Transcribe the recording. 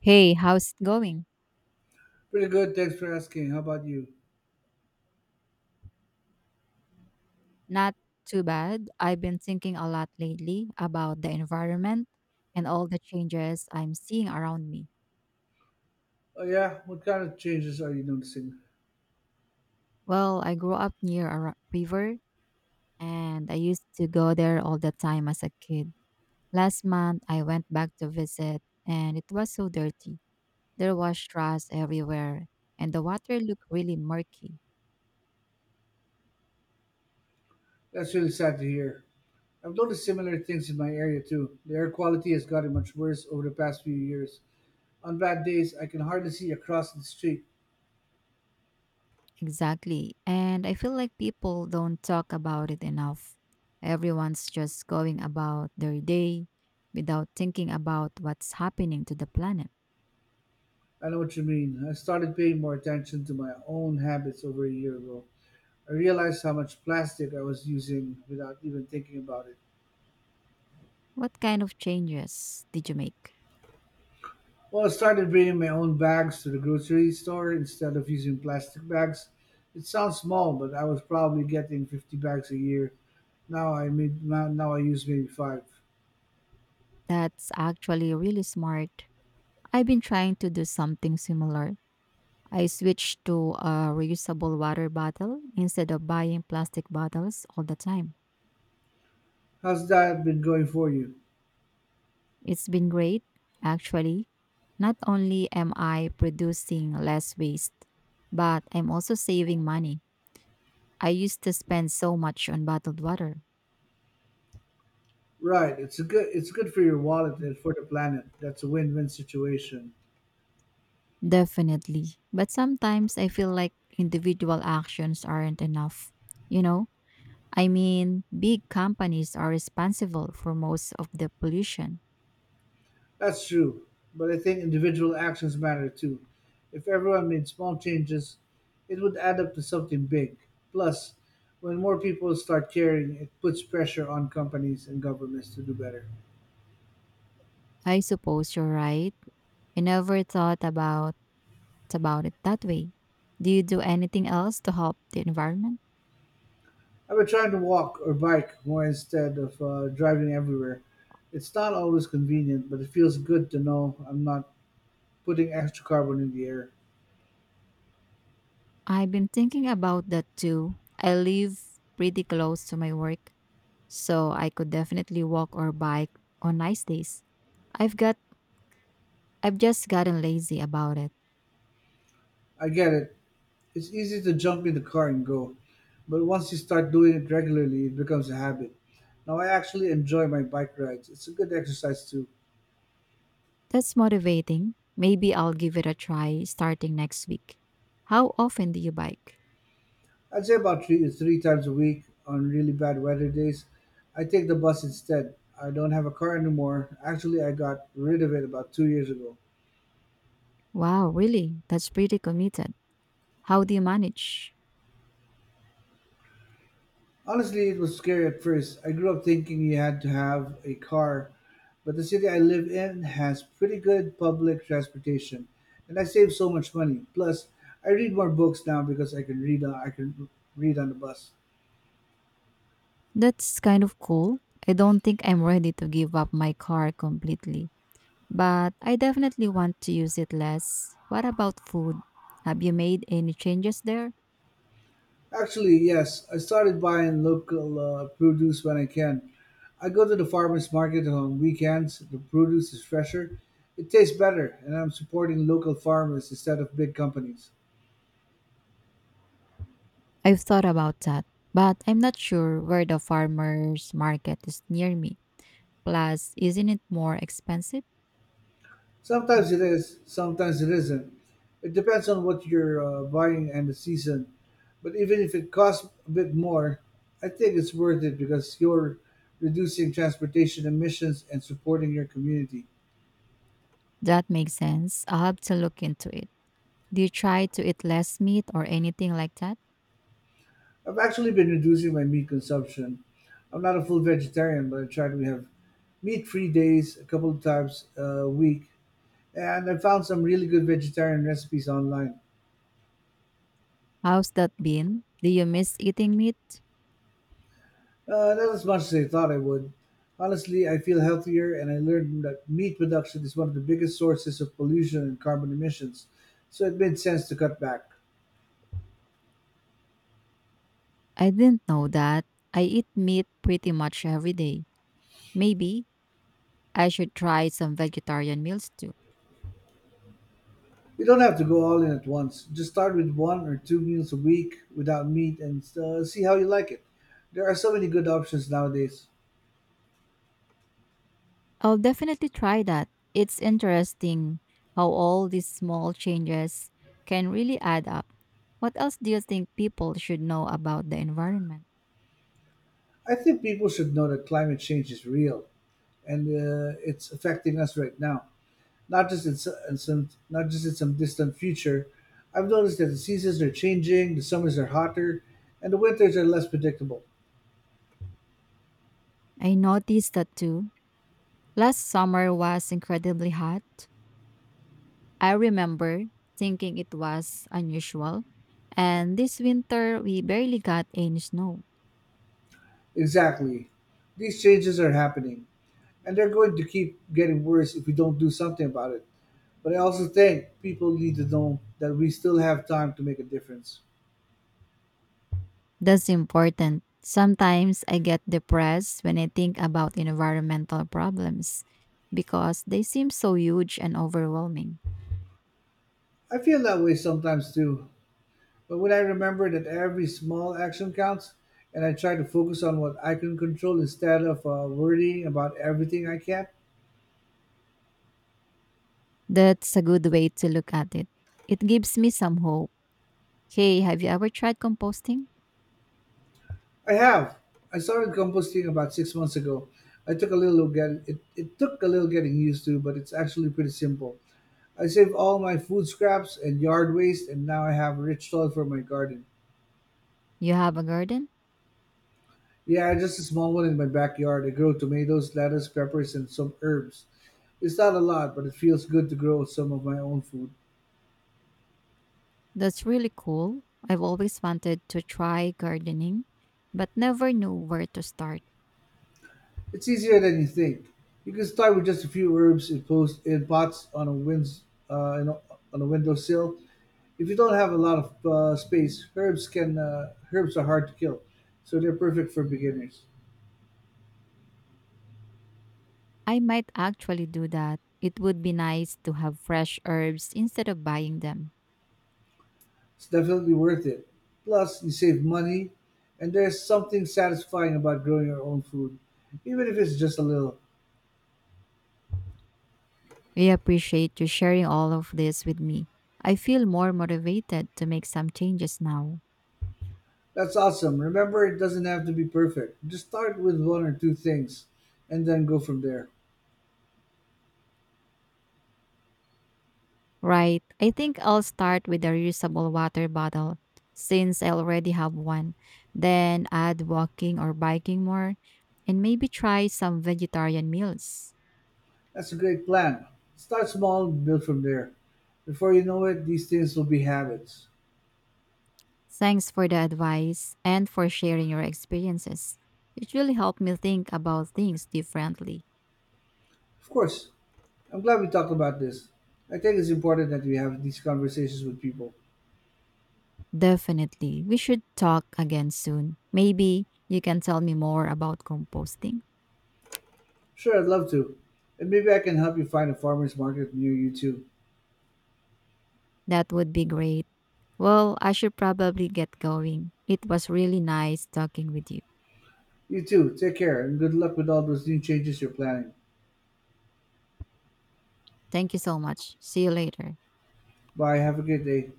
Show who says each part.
Speaker 1: Hey, how's it going?
Speaker 2: Pretty good, thanks for asking. How about you?
Speaker 1: Not too bad. I've been thinking a lot lately about the environment and all the changes I'm seeing around me.
Speaker 2: Oh, yeah, what kind of changes are you noticing?
Speaker 1: Well, I grew up near a river and I used to go there all the time as a kid. Last month, I went back to visit and it was so dirty. There was trash everywhere and the water looked really murky.
Speaker 2: That's really sad to hear. I've noticed similar things in my area too. The air quality has gotten much worse over the past few years. On bad days, I can hardly see across the street.
Speaker 1: Exactly. And I feel like people don't talk about it enough. Everyone's just going about their day without thinking about what's happening to the planet.
Speaker 2: I know what you mean. I started paying more attention to my own habits over a year ago. I realized how much plastic I was using without even thinking about it.
Speaker 1: What kind of changes did you make?
Speaker 2: Well, I started bringing my own bags to the grocery store instead of using plastic bags. It sounds small, but I was probably getting 50 bags a year. Now I use maybe 5.
Speaker 1: That's actually really smart. I've been trying to do something similar. I switched to a reusable water bottle instead of buying plastic bottles all the time.
Speaker 2: How's that been going for you?
Speaker 1: It's been great, actually. Not only am I producing less waste, but I'm also saving money. I used to spend so much on bottled water.
Speaker 2: Right, it's good for your wallet and for the planet. That's a win-win situation.
Speaker 1: Definitely. But sometimes I feel like individual actions aren't enough. You know, I mean, big companies are responsible for most of the pollution.
Speaker 2: That's true, but I think individual actions matter too. If everyone made small changes, it would add up to something big. Plus, when more people start caring, it puts pressure on companies and governments to do better.
Speaker 1: I suppose you're right. I never thought about it that way. Do you do anything else to help the environment?
Speaker 2: I've been trying to walk or bike more instead of driving everywhere. It's not always convenient, but it feels good to know I'm not putting extra carbon in the air.
Speaker 1: I've been thinking about that too. I live pretty close to my work, so I could definitely walk or bike on nice days. I've got I've just gotten lazy about it.
Speaker 2: I get it. It's easy to jump in the car and go, but once you start doing it regularly, it becomes a habit. Now I actually enjoy my bike rides. It's a good exercise too.
Speaker 1: That's motivating. Maybe I'll give it a try starting next week. How often do you bike?
Speaker 2: I'd say about three times a week. On really bad weather days, I take the bus instead. I don't have a car anymore. Actually, I got rid of it about 2 years ago.
Speaker 1: Wow, really? That's pretty committed. How do you manage?
Speaker 2: Honestly, it was scary at first. I grew up thinking you had to have a car, but the city I live in has pretty good public transportation, and I save so much money. Plus, I read more books now because I can read on the bus.
Speaker 1: That's kind of cool. I don't think I'm ready to give up my car completely, but I definitely want to use it less. What about food? Have you made any changes there?
Speaker 2: Actually, yes, I started buying local produce when I can. I go to the farmers market on weekends. The produce is fresher, it tastes better, and I'm supporting local farmers instead of big companies.
Speaker 1: I've thought about that, but I'm not sure where the farmer's market is near me. Plus, isn't it more expensive?
Speaker 2: Sometimes it is, sometimes it isn't. It depends on what you're buying and the season. But even if it costs a bit more, I think it's worth it because you're reducing transportation emissions and supporting your community.
Speaker 1: That makes sense. I'll have to look into it. Do you try to eat less meat or anything like that?
Speaker 2: I've actually been reducing my meat consumption. I'm not a full vegetarian, but I try to have meat-free days a couple of times a week, and I found some really good vegetarian recipes online.
Speaker 1: How's that been? Do you miss eating meat?
Speaker 2: Not as much as I thought I would. Honestly, I feel healthier, and I learned that meat production is one of the biggest sources of pollution and carbon emissions, so it made sense to cut back.
Speaker 1: I didn't know that. I eat meat pretty much every day. Maybe I should try some vegetarian meals too.
Speaker 2: You don't have to go all in at once. Just start with one or two meals a week without meat and see how you like it. There are so many good options nowadays.
Speaker 1: I'll definitely try that. It's interesting how all these small changes can really add up. What else do you think people should know about the environment?
Speaker 2: I think people should know that climate change is real and it's affecting us right now, not just in, s- in some not just in some distant future. I've noticed that the seasons are changing, the summers are hotter, and the winters are less predictable.
Speaker 1: I noticed that too. Last summer was incredibly hot. I remember thinking it was unusual. And this winter, we barely got any snow.
Speaker 2: Exactly. These changes are happening, and they're going to keep getting worse if we don't do something about it. But I also think people need to know that we still have time to make a difference.
Speaker 1: That's important. Sometimes I get depressed when I think about environmental problems because they seem so huge and overwhelming.
Speaker 2: I feel that way sometimes too, but when I remember that every small action counts, and I try to focus on what I can control instead of worrying about everything I can't.
Speaker 1: That's a good way to look at it. It gives me some hope. Hey, have you ever tried composting?
Speaker 2: I have. I started composting about 6 months ago. I took a little get it, It took a little getting used to, but it's actually pretty simple. I save all my food scraps and yard waste, and now I have rich soil for my garden.
Speaker 1: You have a garden?
Speaker 2: Yeah, just a small one in my backyard. I grow tomatoes, lettuce, peppers, and some herbs. It's not a lot, but it feels good to grow some of my own food.
Speaker 1: That's really cool. I've always wanted to try gardening, but never knew where to start.
Speaker 2: It's easier than you think. You can start with just a few herbs in, post, in pots on a winds, in a, on a windowsill. If you don't have a lot of space, herbs are hard to kill, so they're perfect for beginners.
Speaker 1: I might actually do that. It would be nice to have fresh herbs instead of buying them.
Speaker 2: It's definitely worth it. Plus, you save money, and there's something satisfying about growing your own food, even if it's just a little.
Speaker 1: I appreciate you sharing all of this with me. I feel more motivated to make some changes now.
Speaker 2: That's awesome. Remember, it doesn't have to be perfect. Just start with one or two things, and then go from there.
Speaker 1: Right, I think I'll start with a reusable water bottle since I already have one. Then add walking or biking more and maybe try some vegetarian meals.
Speaker 2: That's a great plan. Start small, and build from there. Before you know it, these things will be habits.
Speaker 1: Thanks for the advice and for sharing your experiences. It really helped me think about things differently.
Speaker 2: Of course, I'm glad we talked about this. I think it's important that we have these conversations with people.
Speaker 1: Definitely. We should talk again soon. Maybe you can tell me more about composting.
Speaker 2: Sure, I'd love to. And maybe I can help you find a farmer's market near you too.
Speaker 1: That would be great. Well, I should probably get going. It was really nice talking with you.
Speaker 2: You too. Take care and good luck with all those new changes you're planning.
Speaker 1: Thank you so much. See you later.
Speaker 2: Bye. Have a good day.